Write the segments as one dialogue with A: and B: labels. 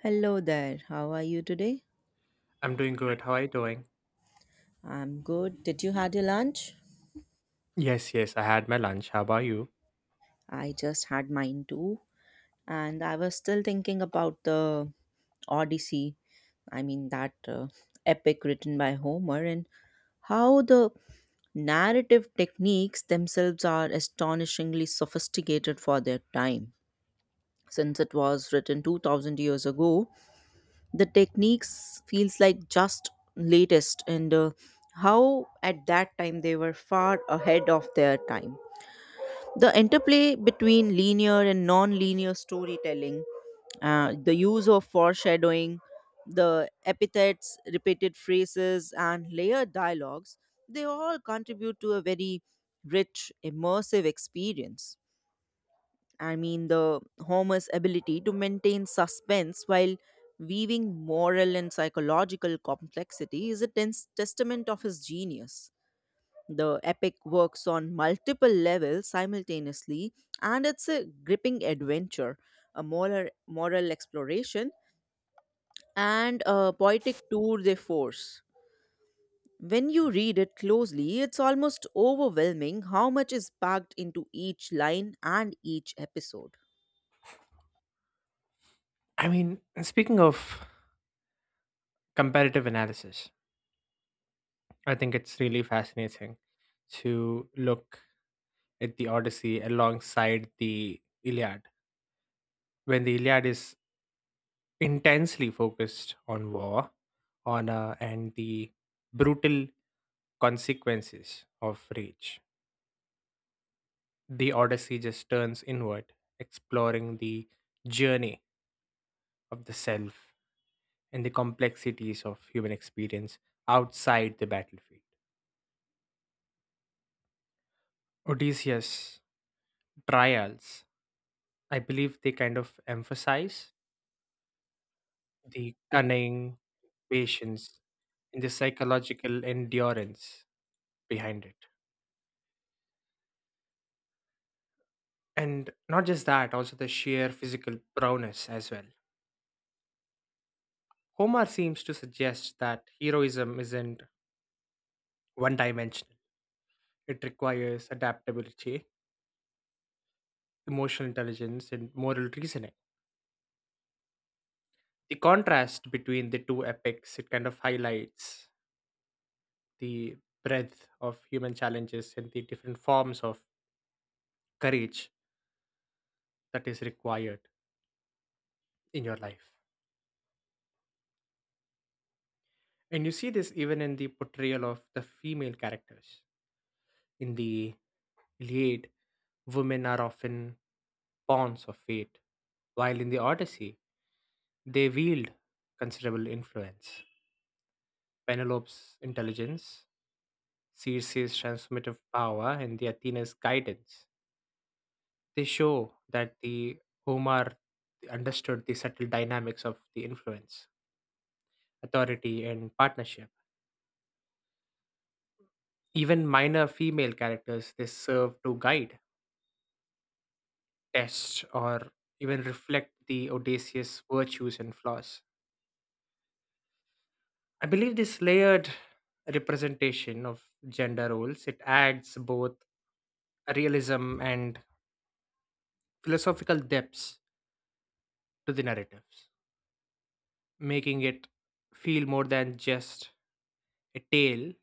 A: Hello there. How are you today?
B: I'm doing good. How are you doing?
A: I'm good. Did you had your lunch?
B: Yes, I had my lunch. How about you?
A: I just had mine too, and I was still thinking about the Odyssey. I mean that epic written by Homer and how the narrative techniques themselves are astonishingly sophisticated for their time. Since it was written 2000 years ago, the techniques feels like just latest and, how at that time they were far ahead of their time, the interplay between linear and non-linear storytelling, the use of foreshadowing, the epithets, repeated phrases, and layered dialogues, they all contribute to a very rich immersive experience. I mean, the Homer's ability to maintain suspense while weaving moral and psychological complexity is a tense testament of his genius. The epic works on multiple levels simultaneously, and it's a gripping adventure, a moral exploration, and a poetic tour de force. When you read it closely, it's almost overwhelming how much is packed into each line and each episode.
B: I mean, speaking of comparative analysis, I think it's really fascinating to look at the Odyssey alongside the Iliad. When the Iliad is intensely focused on war, honor, and the brutal consequences of rage, the Odyssey just turns inward, exploring the journey of the self and the complexities of human experience outside the battlefield. Odysseus' trials, I believe they kind of emphasize the cunning, patience, and the psychological endurance behind it. And not just that, also the sheer physical prowess as well. Homer seems to suggest that heroism isn't one dimensional, it requires adaptability, emotional intelligence, and moral reasoning. The contrast between the two epics it kind of highlights the breadth of human challenges and the different forms of courage that is required in your life. And you see this even in the portrayal of the female characters in the Iliad, women are often pawns of fate, while in the Odyssey they wield considerable influence. Penelope's intelligence, Circe's transformative power, and the Athena's guidance. They show that the Omar understood the subtle dynamics of the influence, authority, and partnership. Even minor female characters they serve to guide, test, or even reflect the Odysseus' virtues and flaws. I believe this layered representation of gender roles it adds both realism and philosophical depths to the narratives, making it feel more than just a tale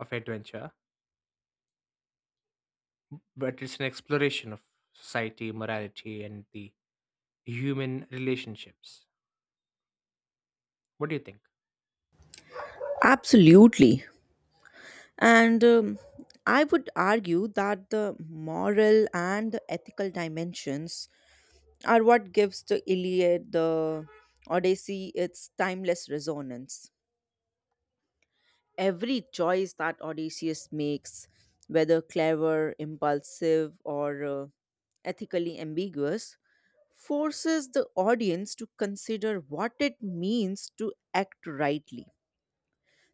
B: of adventure, but it's an exploration of society, morality, and the human relationships. What do you think?
A: Absolutely. And I would argue that the moral and the ethical dimensions are what gives the Iliad, the Odyssey, its timeless resonance. Every choice that Odysseus makes, whether clever, impulsive, or ethically ambiguous, forces the audience to consider what it means to act rightly.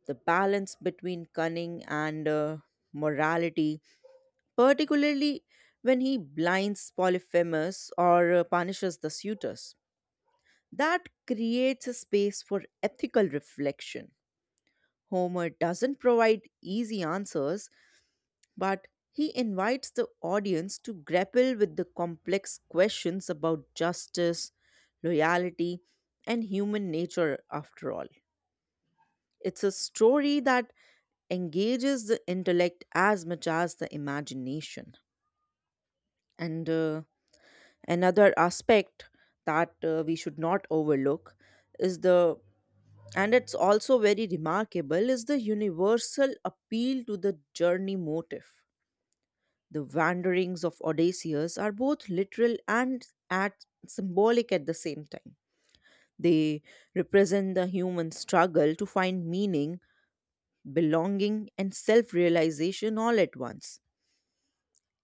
A: The balance between cunning and, morality, particularly when he blinds Polyphemus or punishes the suitors. That creates a space for ethical reflection. Homer doesn't provide easy answers, but he invites the audience to grapple with the complex questions about justice, loyalty, and human nature after all. It's a story that engages the intellect as much as the imagination. And another aspect that we should not overlook is and it's also very remarkable, is the universal appeal to the journey motif. The wanderings of Odysseus are both literal and at symbolic at the same time. They represent the human struggle to find meaning, belonging, and self realization all at once.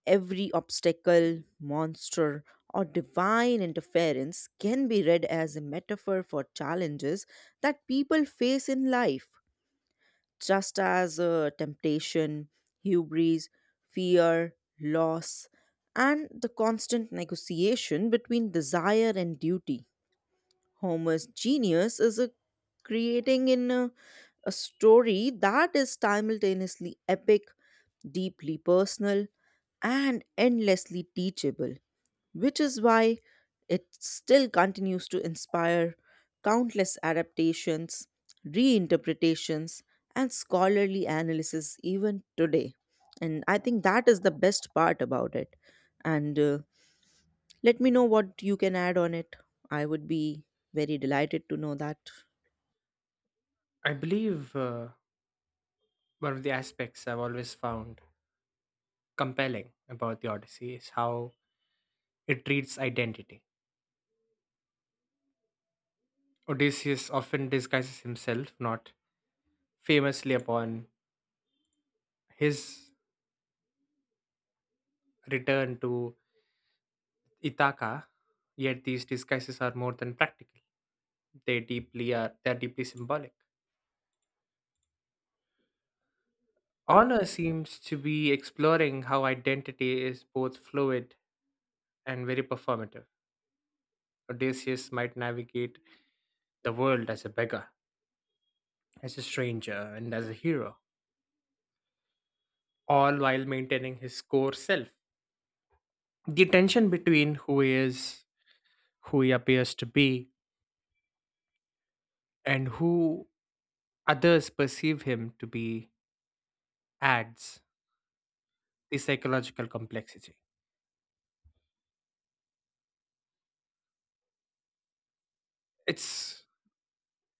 A: Every obstacle, monster, or divine interference can be read as a metaphor for challenges that people face in life, just as temptation, hubris, fear, loss, and the constant negotiation between desire and duty. Homer's genius is a creating in a story that is simultaneously epic, deeply personal, and endlessly teachable, which is why it still continues to inspire countless adaptations, reinterpretations, and scholarly analysis even today. And I think that is the best part about it. And let me know what you can add on it. I would be very delighted to know that.
B: I believe one of the aspects I've always found compelling about the Odyssey is how it treats identity. Odysseus often disguises himself, not famously upon his return to Ithaca, yet these disguises are more than practical. They are deeply symbolic. Honor seems to be exploring how identity is both fluid and very performative. Odysseus might navigate the world as a beggar, as a stranger, and as a hero, all while maintaining his core self. The tension between who he is, who he appears to be, and who others perceive him to be adds the psychological complexity. It's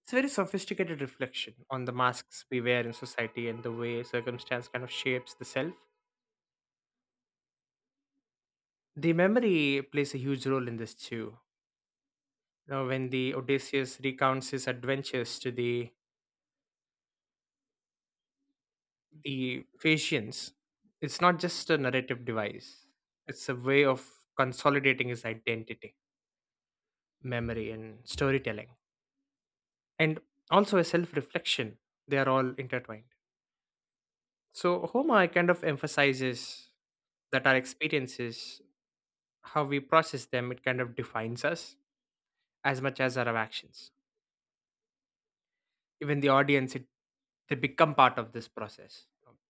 B: It's a very sophisticated reflection on the masks we wear in society and the way circumstance kind of shapes the self. The memory plays a huge role in this too. Now, when the Odysseus recounts his adventures to the Phaeacians, it's not just a narrative device. It's a way of consolidating his identity, memory, and storytelling, and also a self-reflection. They are all intertwined. So Homer kind of emphasizes that our experiences how we process them it kind of defines us as much as our actions. Even the audience it they become part of this process,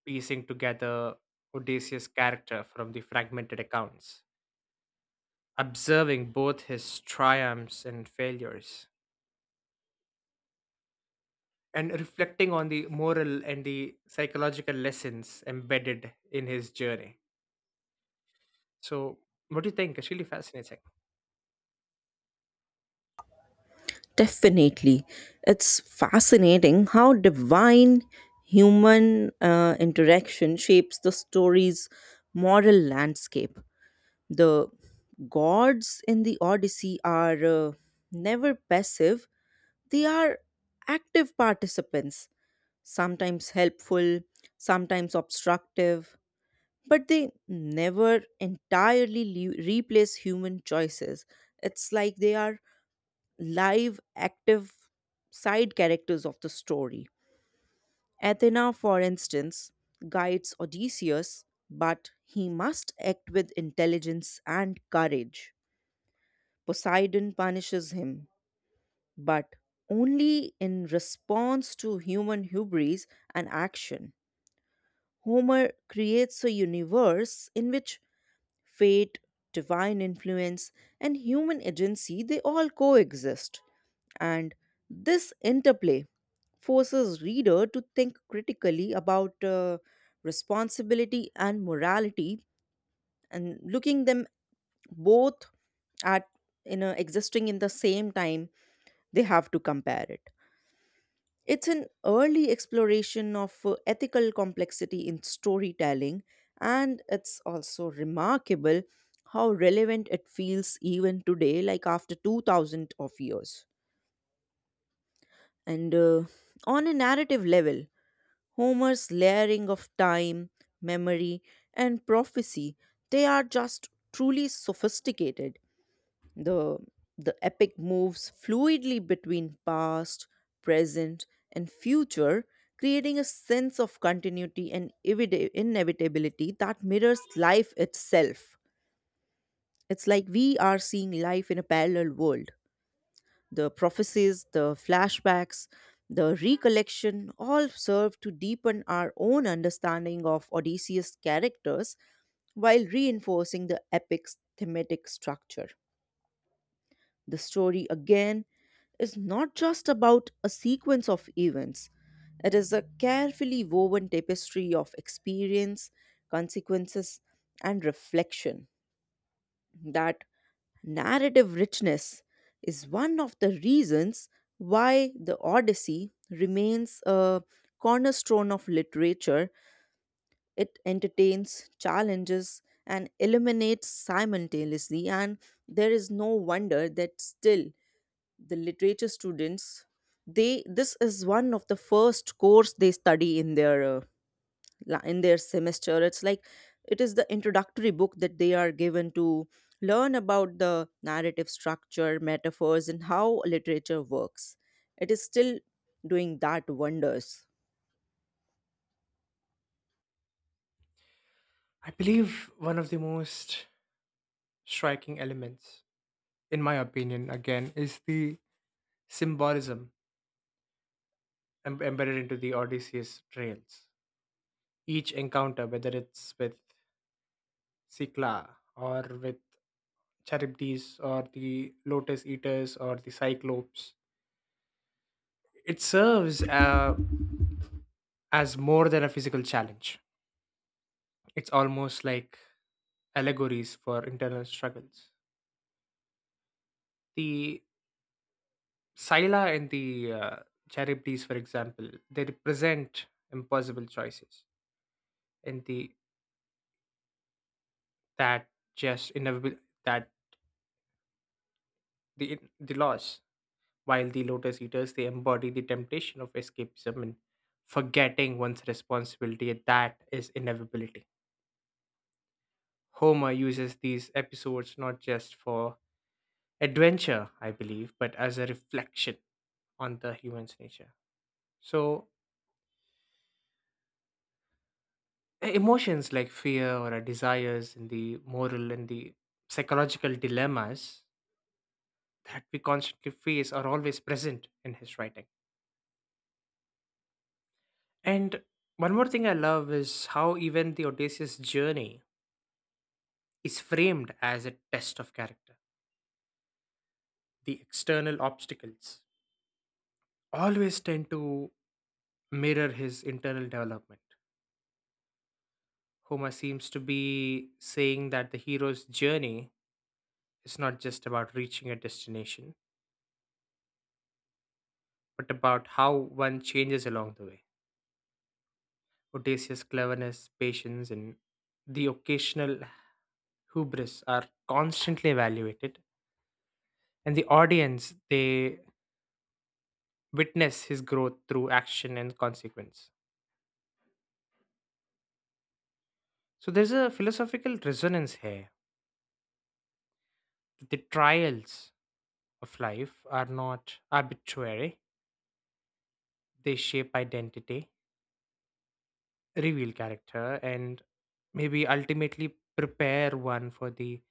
B: piecing together Odysseus character from the fragmented accounts, observing both his triumphs and failures, and reflecting on the moral and the psychological lessons embedded in his journey. So what do you think? It's really fascinating.
A: Definitely. It's fascinating how divine human interaction shapes the story's moral landscape. The gods in the Odyssey are, never passive, they are active participants, sometimes helpful, sometimes obstructive, but they never entirely replace human choices. It's like they are live, active side characters of the story. Athena, for instance, guides Odysseus, but he must act with intelligence and courage. Poseidon punishes him, but only in response to human hubris and action. Homer creates a universe in which fate, divine influence, and human agency, they all coexist, and this interplay forces reader to think critically about responsibility and morality, and looking them both at, existing in the same time, they have to compare it. It's an early exploration of ethical complexity in storytelling, and it's also remarkable how relevant it feels even today, like after 2000 of years. And, on a narrative level, Homer's layering of time, memory, and prophecy, they are just truly sophisticated. The, the epic moves fluidly between past, present, and future, creating a sense of continuity and inevitability that mirrors life itself. It's like we are seeing life in a parallel world. The prophecies, the flashbacks, the recollection all serve to deepen our own understanding of Odysseus' characters while reinforcing the epic's thematic structure. The story, again, is not just about a sequence of events, it is a carefully woven tapestry of experience, consequences, and reflection. That narrative richness is one of the reasons why the Odyssey remains a cornerstone of literature. It entertains, challenges, and illuminates simultaneously, and there is no wonder that still the literature students, they this is one of the first course they study in their, in their semester. It's like it is the introductory book that they are given to learn about the narrative structure, metaphors, and how literature works. It is still doing that wonders.
B: I believe one of the most striking elements in my opinion again is the symbolism embedded into the Odysseus trails. Each encounter, whether it's with Cycla or with Charybdis or the Lotus Eaters or the Cyclopes, it serves as more than a physical challenge. It's almost like allegories for internal struggles. The Scylla and the Charybdis, for example, they represent impossible choices and the that just inevitable that the loss, while the lotus eaters they embody the temptation of escapism and forgetting one's responsibility, that is inevitability. Homer uses these episodes not just for adventure I believe, but as a reflection on the human's nature. So emotions like fear or our desires and the moral and the psychological dilemmas that we constantly face are always present in his writing. And one more thing I love is how even the Odysseus journey is framed as a test of character. The external obstacles always tend to mirror his internal development. Homer seems to be saying that the hero's journey is not just about reaching a destination, but about how one changes along the way. Odysseus' cleverness, patience, and the occasional hubris are constantly evaluated, and the audience they witness his growth through action and consequence. So there's a philosophical resonance here. The trials of life are not arbitrary, they shape identity, reveal character, and maybe ultimately prepare one for the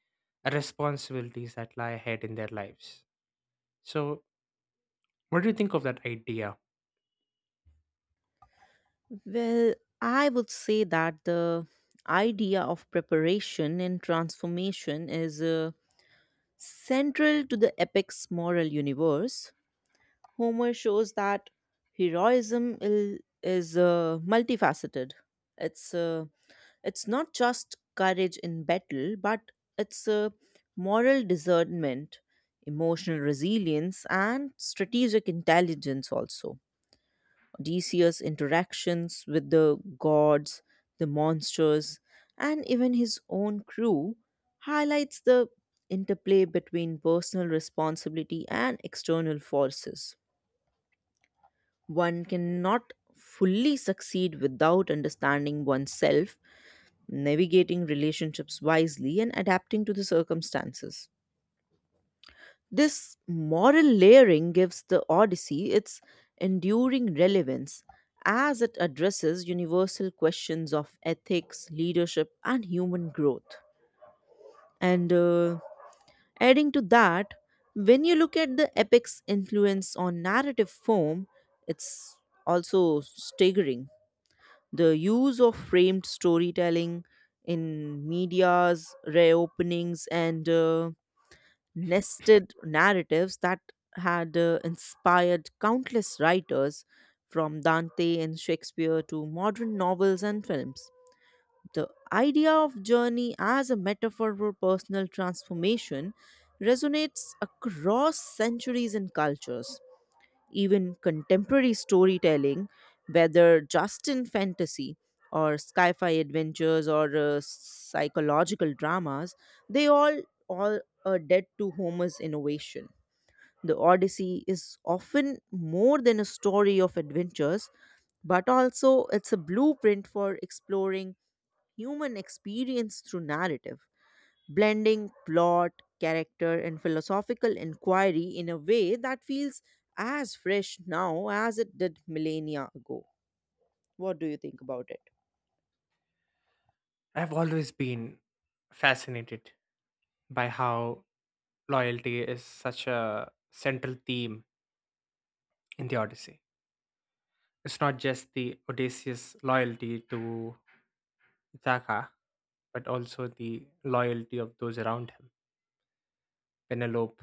B: responsibilities that lie ahead in their lives. So, what do you think of that idea?
A: Well, I would say that the idea of preparation and transformation is, central to the epic's moral universe. Homer shows that heroism is multifaceted. it's uh, It's not just courage in battle, but it's a moral discernment, emotional resilience, and strategic intelligence also. Odysseus' interactions with the gods, the monsters, and even his own crew highlights the interplay between personal responsibility and external forces. One cannot fully succeed without understanding oneself, navigating relationships wisely, and adapting to the circumstances. This moral layering gives the Odyssey its enduring relevance, as it addresses universal questions of ethics, leadership, and human growth. And adding to that, when you look at the epic's influence on narrative form, it's also staggering. The use of framed storytelling in media's reopenings, and nested narratives that had inspired countless writers from Dante and Shakespeare to modern novels and films. The idea of journey as a metaphor for personal transformation resonates across centuries and cultures. Even contemporary storytelling, whether just in fantasy or sci fi adventures, or psychological dramas, they all, all are dead to Homer's innovation. The Odyssey is often more than a story of adventures, but also it's a blueprint for exploring human experience through narrative, blending plot, character, and philosophical inquiry in a way that feels as fresh now as it did millennia ago. What do you think about it?
B: I've always been fascinated by how loyalty is such a central theme in the Odyssey. It's not just the Odysseus' loyalty to Ithaca, but also the loyalty of those around him. Penelope,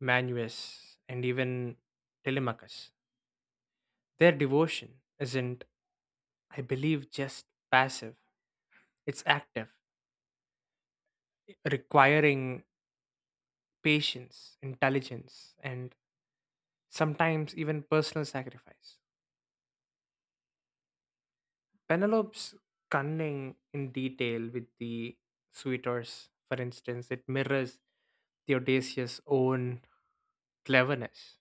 B: Manuus, and even Telemachus. Their devotion isn't, I believe, just passive, it's active, requiring patience, intelligence, and sometimes even personal sacrifice. Penelope's cunning in detail with the suitors, for instance, it mirrors Theodosius' own cleverness.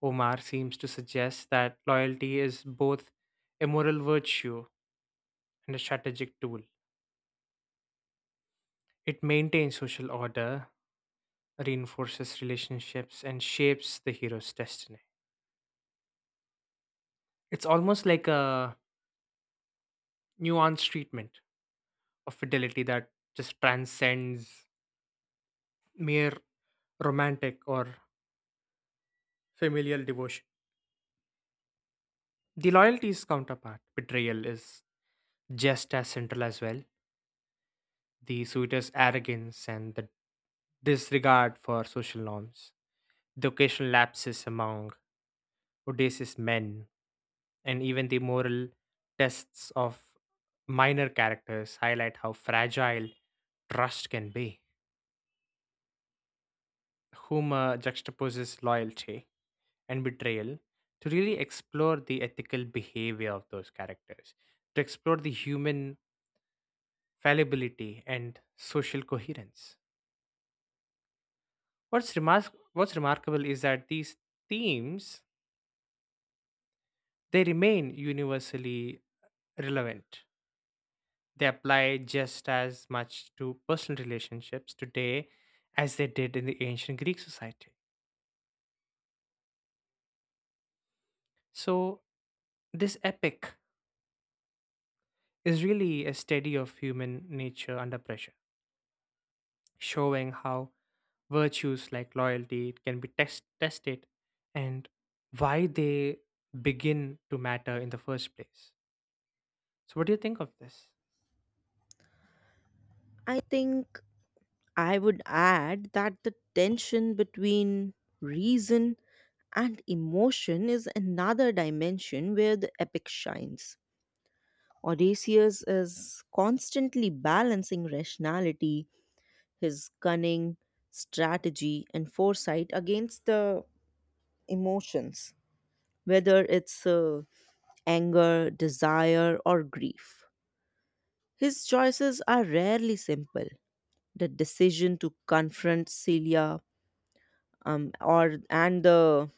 B: Omar seems to suggest that loyalty is both a moral virtue and a strategic tool. It maintains social order, reinforces relationships, and shapes the hero's destiny. It's almost like a nuanced treatment of fidelity that just transcends mere romantic or familial devotion. The loyalty's counterpart, betrayal, is just as central as well. The suitor's arrogance and the disregard for social norms, the occasional lapses among audacious men, and even the moral tests of minor characters highlight how fragile trust can be. Humor juxtaposes loyalty and betrayal to really explore the ethical behavior of those characters, to explore the human fallibility and social coherence. What's remarkable is that these themes they remain universally relevant. They apply just as much to personal relationships today as they did in the ancient Greek society. So this epic is really a study of human nature under pressure, showing how virtues like loyalty can be tested and why they begin to matter in the first place. So what do you think of this?
A: I think I would add that the tension between reason and emotion is another dimension where the epic shines. Odysseus is constantly balancing rationality, his cunning, strategy, and foresight against the emotions, whether it's anger, desire, or grief. His choices are rarely simple. The decision to confront Celia, or and the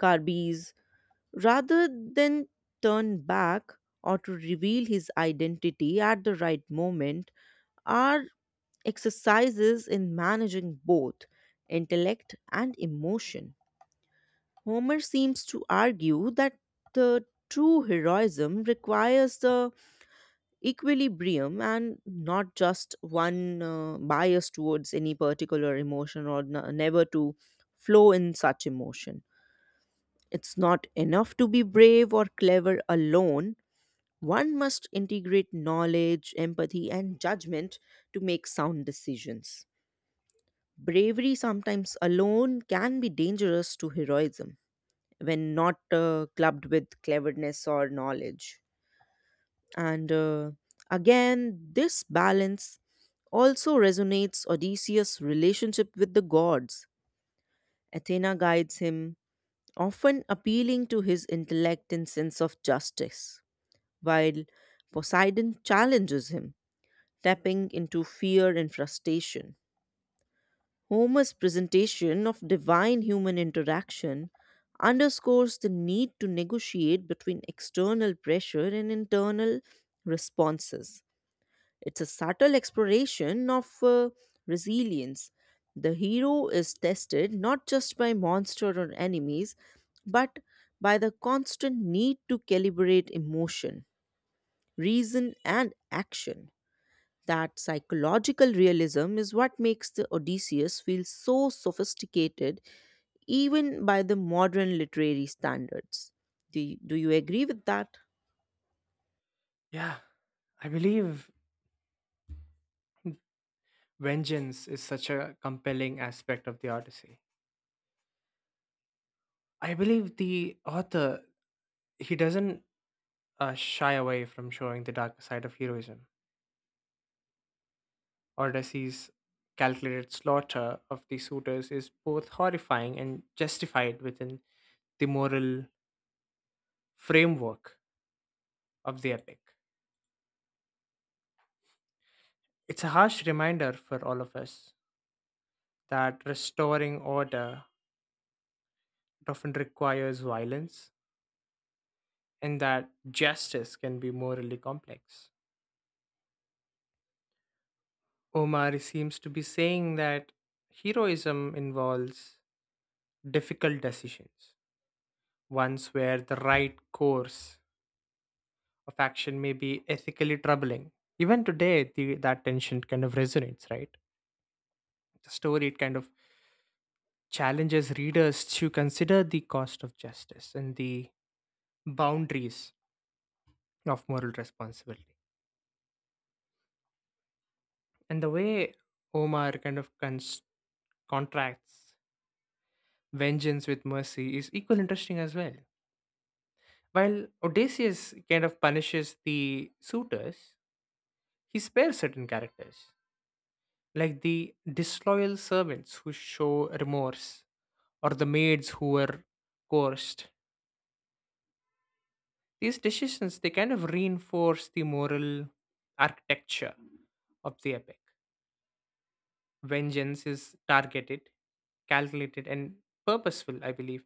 A: Carbis, rather than turn back, or to reveal his identity at the right moment, are exercises in managing both intellect and emotion. Homer seems to argue that the true heroism requires the equilibrium, and not just one bias towards any particular emotion, or never to flow in such emotion. It's not enough to be brave or clever alone. One must integrate knowledge, empathy, and judgment to make sound decisions. Bravery sometimes alone can be dangerous to heroism when not clubbed with cleverness or knowledge. And again, this balance also resonates Odysseus' relationship with the gods. Athena guides him, often appealing to his intellect and sense of justice, while Poseidon challenges him, tapping into fear and frustration. Homer's presentation of divine human interaction underscores the need to negotiate between external pressure and internal responses. It's a subtle exploration of resilience. The hero is tested not just by monster or enemies, but by the constant need to calibrate emotion, reason, and action. That psychological realism is what makes the Odysseus feel so sophisticated, even by the modern literary standards. Do you agree with that?
B: Yeah, I believe vengeance is such a compelling aspect of the Odyssey. I believe the author he doesn't shy away from showing the darker side of heroism. Odysseus' calculated slaughter of the suitors is both horrifying and justified within the moral framework of the epic. It's a harsh reminder for all of us that restoring order often requires violence and that justice can be morally complex. Omar seems to be saying that heroism involves difficult decisions, ones where the right course of action may be ethically troubling. Even today, that tension kind of resonates, right? The story it kind of challenges readers to consider the cost of justice and the boundaries of moral responsibility. And the way Omar kind of contracts vengeance with mercy is equally interesting as well. While Odysseus kind of punishes the suitors, he spares certain characters, like the disloyal servants who show remorse, or the maids who were coerced. These decisions they kind of reinforce the moral architecture of the epic. Vengeance is targeted, calculated, and purposeful, I believe,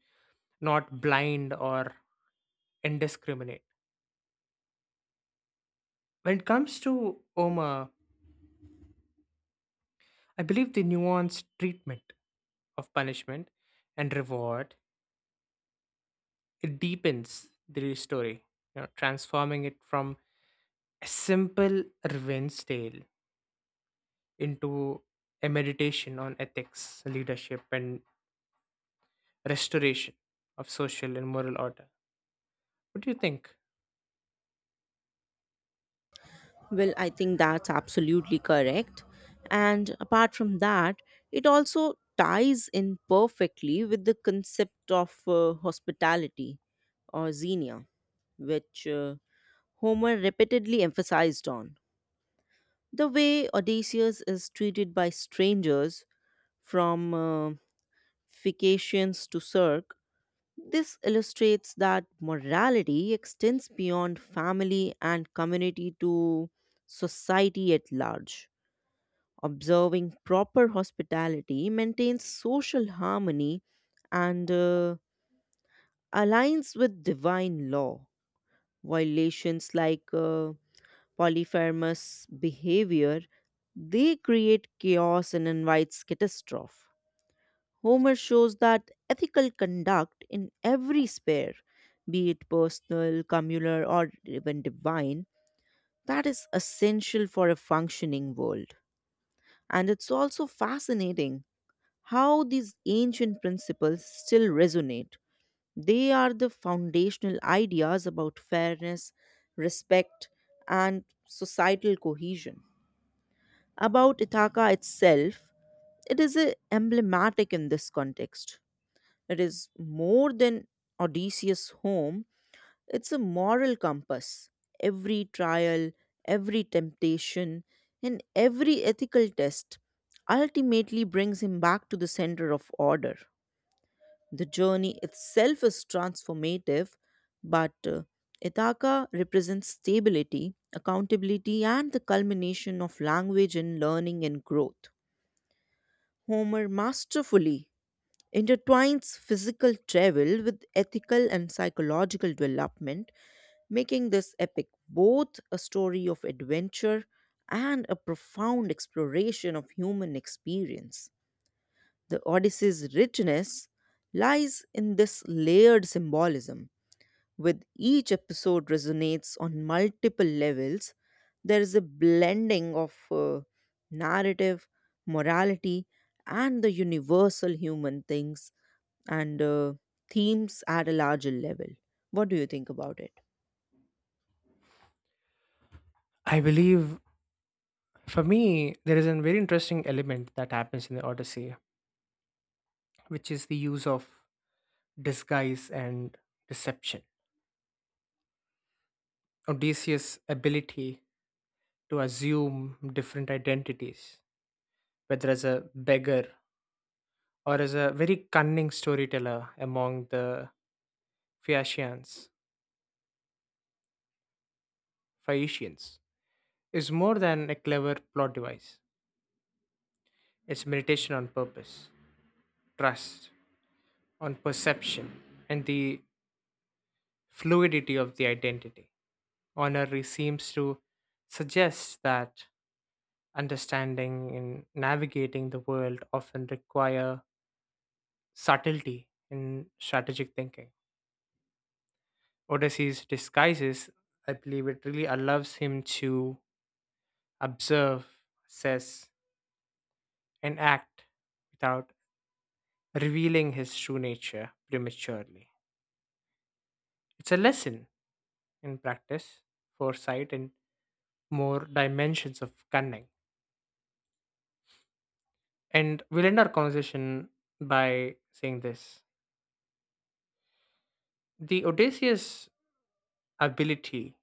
B: not blind or indiscriminate. When it comes to Oma, I believe the nuanced treatment of punishment and reward it deepens the story, you know, transforming it from a simple revenge tale into a meditation on ethics, leadership, and restoration of social and moral order. What do you think?
A: Well, I think that's absolutely correct. And apart from that, it also ties in perfectly with the concept of hospitality or xenia, which, Homer repeatedly emphasized on. The way Odysseus is treated by strangers, from Phaeacians to Circe, this illustrates that morality extends beyond family and community to society at large. Observing proper hospitality maintains social harmony and aligns with divine law. Violations like polypharmous behavior, they create chaos and invites catastrophe. Homer shows that ethical conduct in every sphere, be it personal, communal, or even divine, that is essential for a functioning world. And it's also fascinating how these ancient principles still resonate. They are the foundational ideas about fairness, respect, and societal cohesion. About Ithaca itself, it is emblematic in this context. It is more than Odysseus' home, it's a moral compass. Every trial, every temptation, and every ethical test ultimately brings him back to the center of order. The journey itself is transformative, but Ithaca represents stability, accountability, and the culmination of language and learning and growth. Homer masterfully intertwines physical travel with ethical and psychological development, making this epic both a story of adventure and a profound exploration of human experience. The Odyssey's richness lies in this layered symbolism. With each episode resonates on multiple levels, there is a blending of narrative, morality, and the universal human things, and themes at a larger level. What do you think about it?
B: I believe for me there is a very interesting element that happens in the Odyssey, which is the use of disguise and deception. Odysseus' ability to assume different identities, whether as a beggar or as a very cunning storyteller among the Phaeacians, Phaeacians, is more than a clever plot device. It's meditation on purpose, trust, on perception, and the fluidity of the identity. Honorary seems to suggest that understanding and navigating the world often require subtlety in strategic thinking. Odysseus disguises, I believe it really allows him to observe, assess, and act without revealing his true nature prematurely. It's a lesson in practice, foresight, and more dimensions of cunning. And we'll end our conversation by saying this. The Odysseus' ability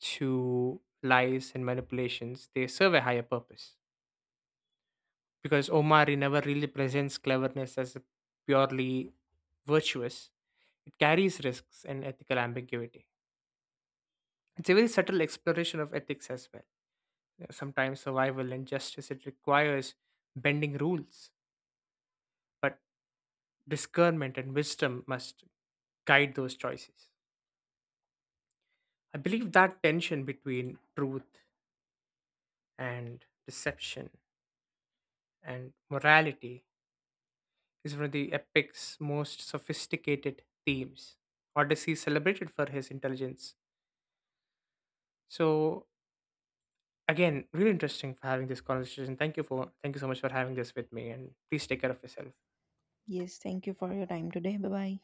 B: to lies and manipulations, they serve a higher purpose because Omari never really presents cleverness as a purely virtuous. It carries risks and ethical ambiguity. It's a very subtle exploration of ethics as well. Yeah, sometimes survival and justice it requires bending rules, but discernment and wisdom must guide those choices. I believe that tension between truth and deception and morality is one of the epic's most sophisticated themes. Odyssey is celebrated for his intelligence. So again, really interesting for having this conversation. Thank you so much for having this with me, and please take care of yourself.
A: Yes, thank you for your time today. Bye bye.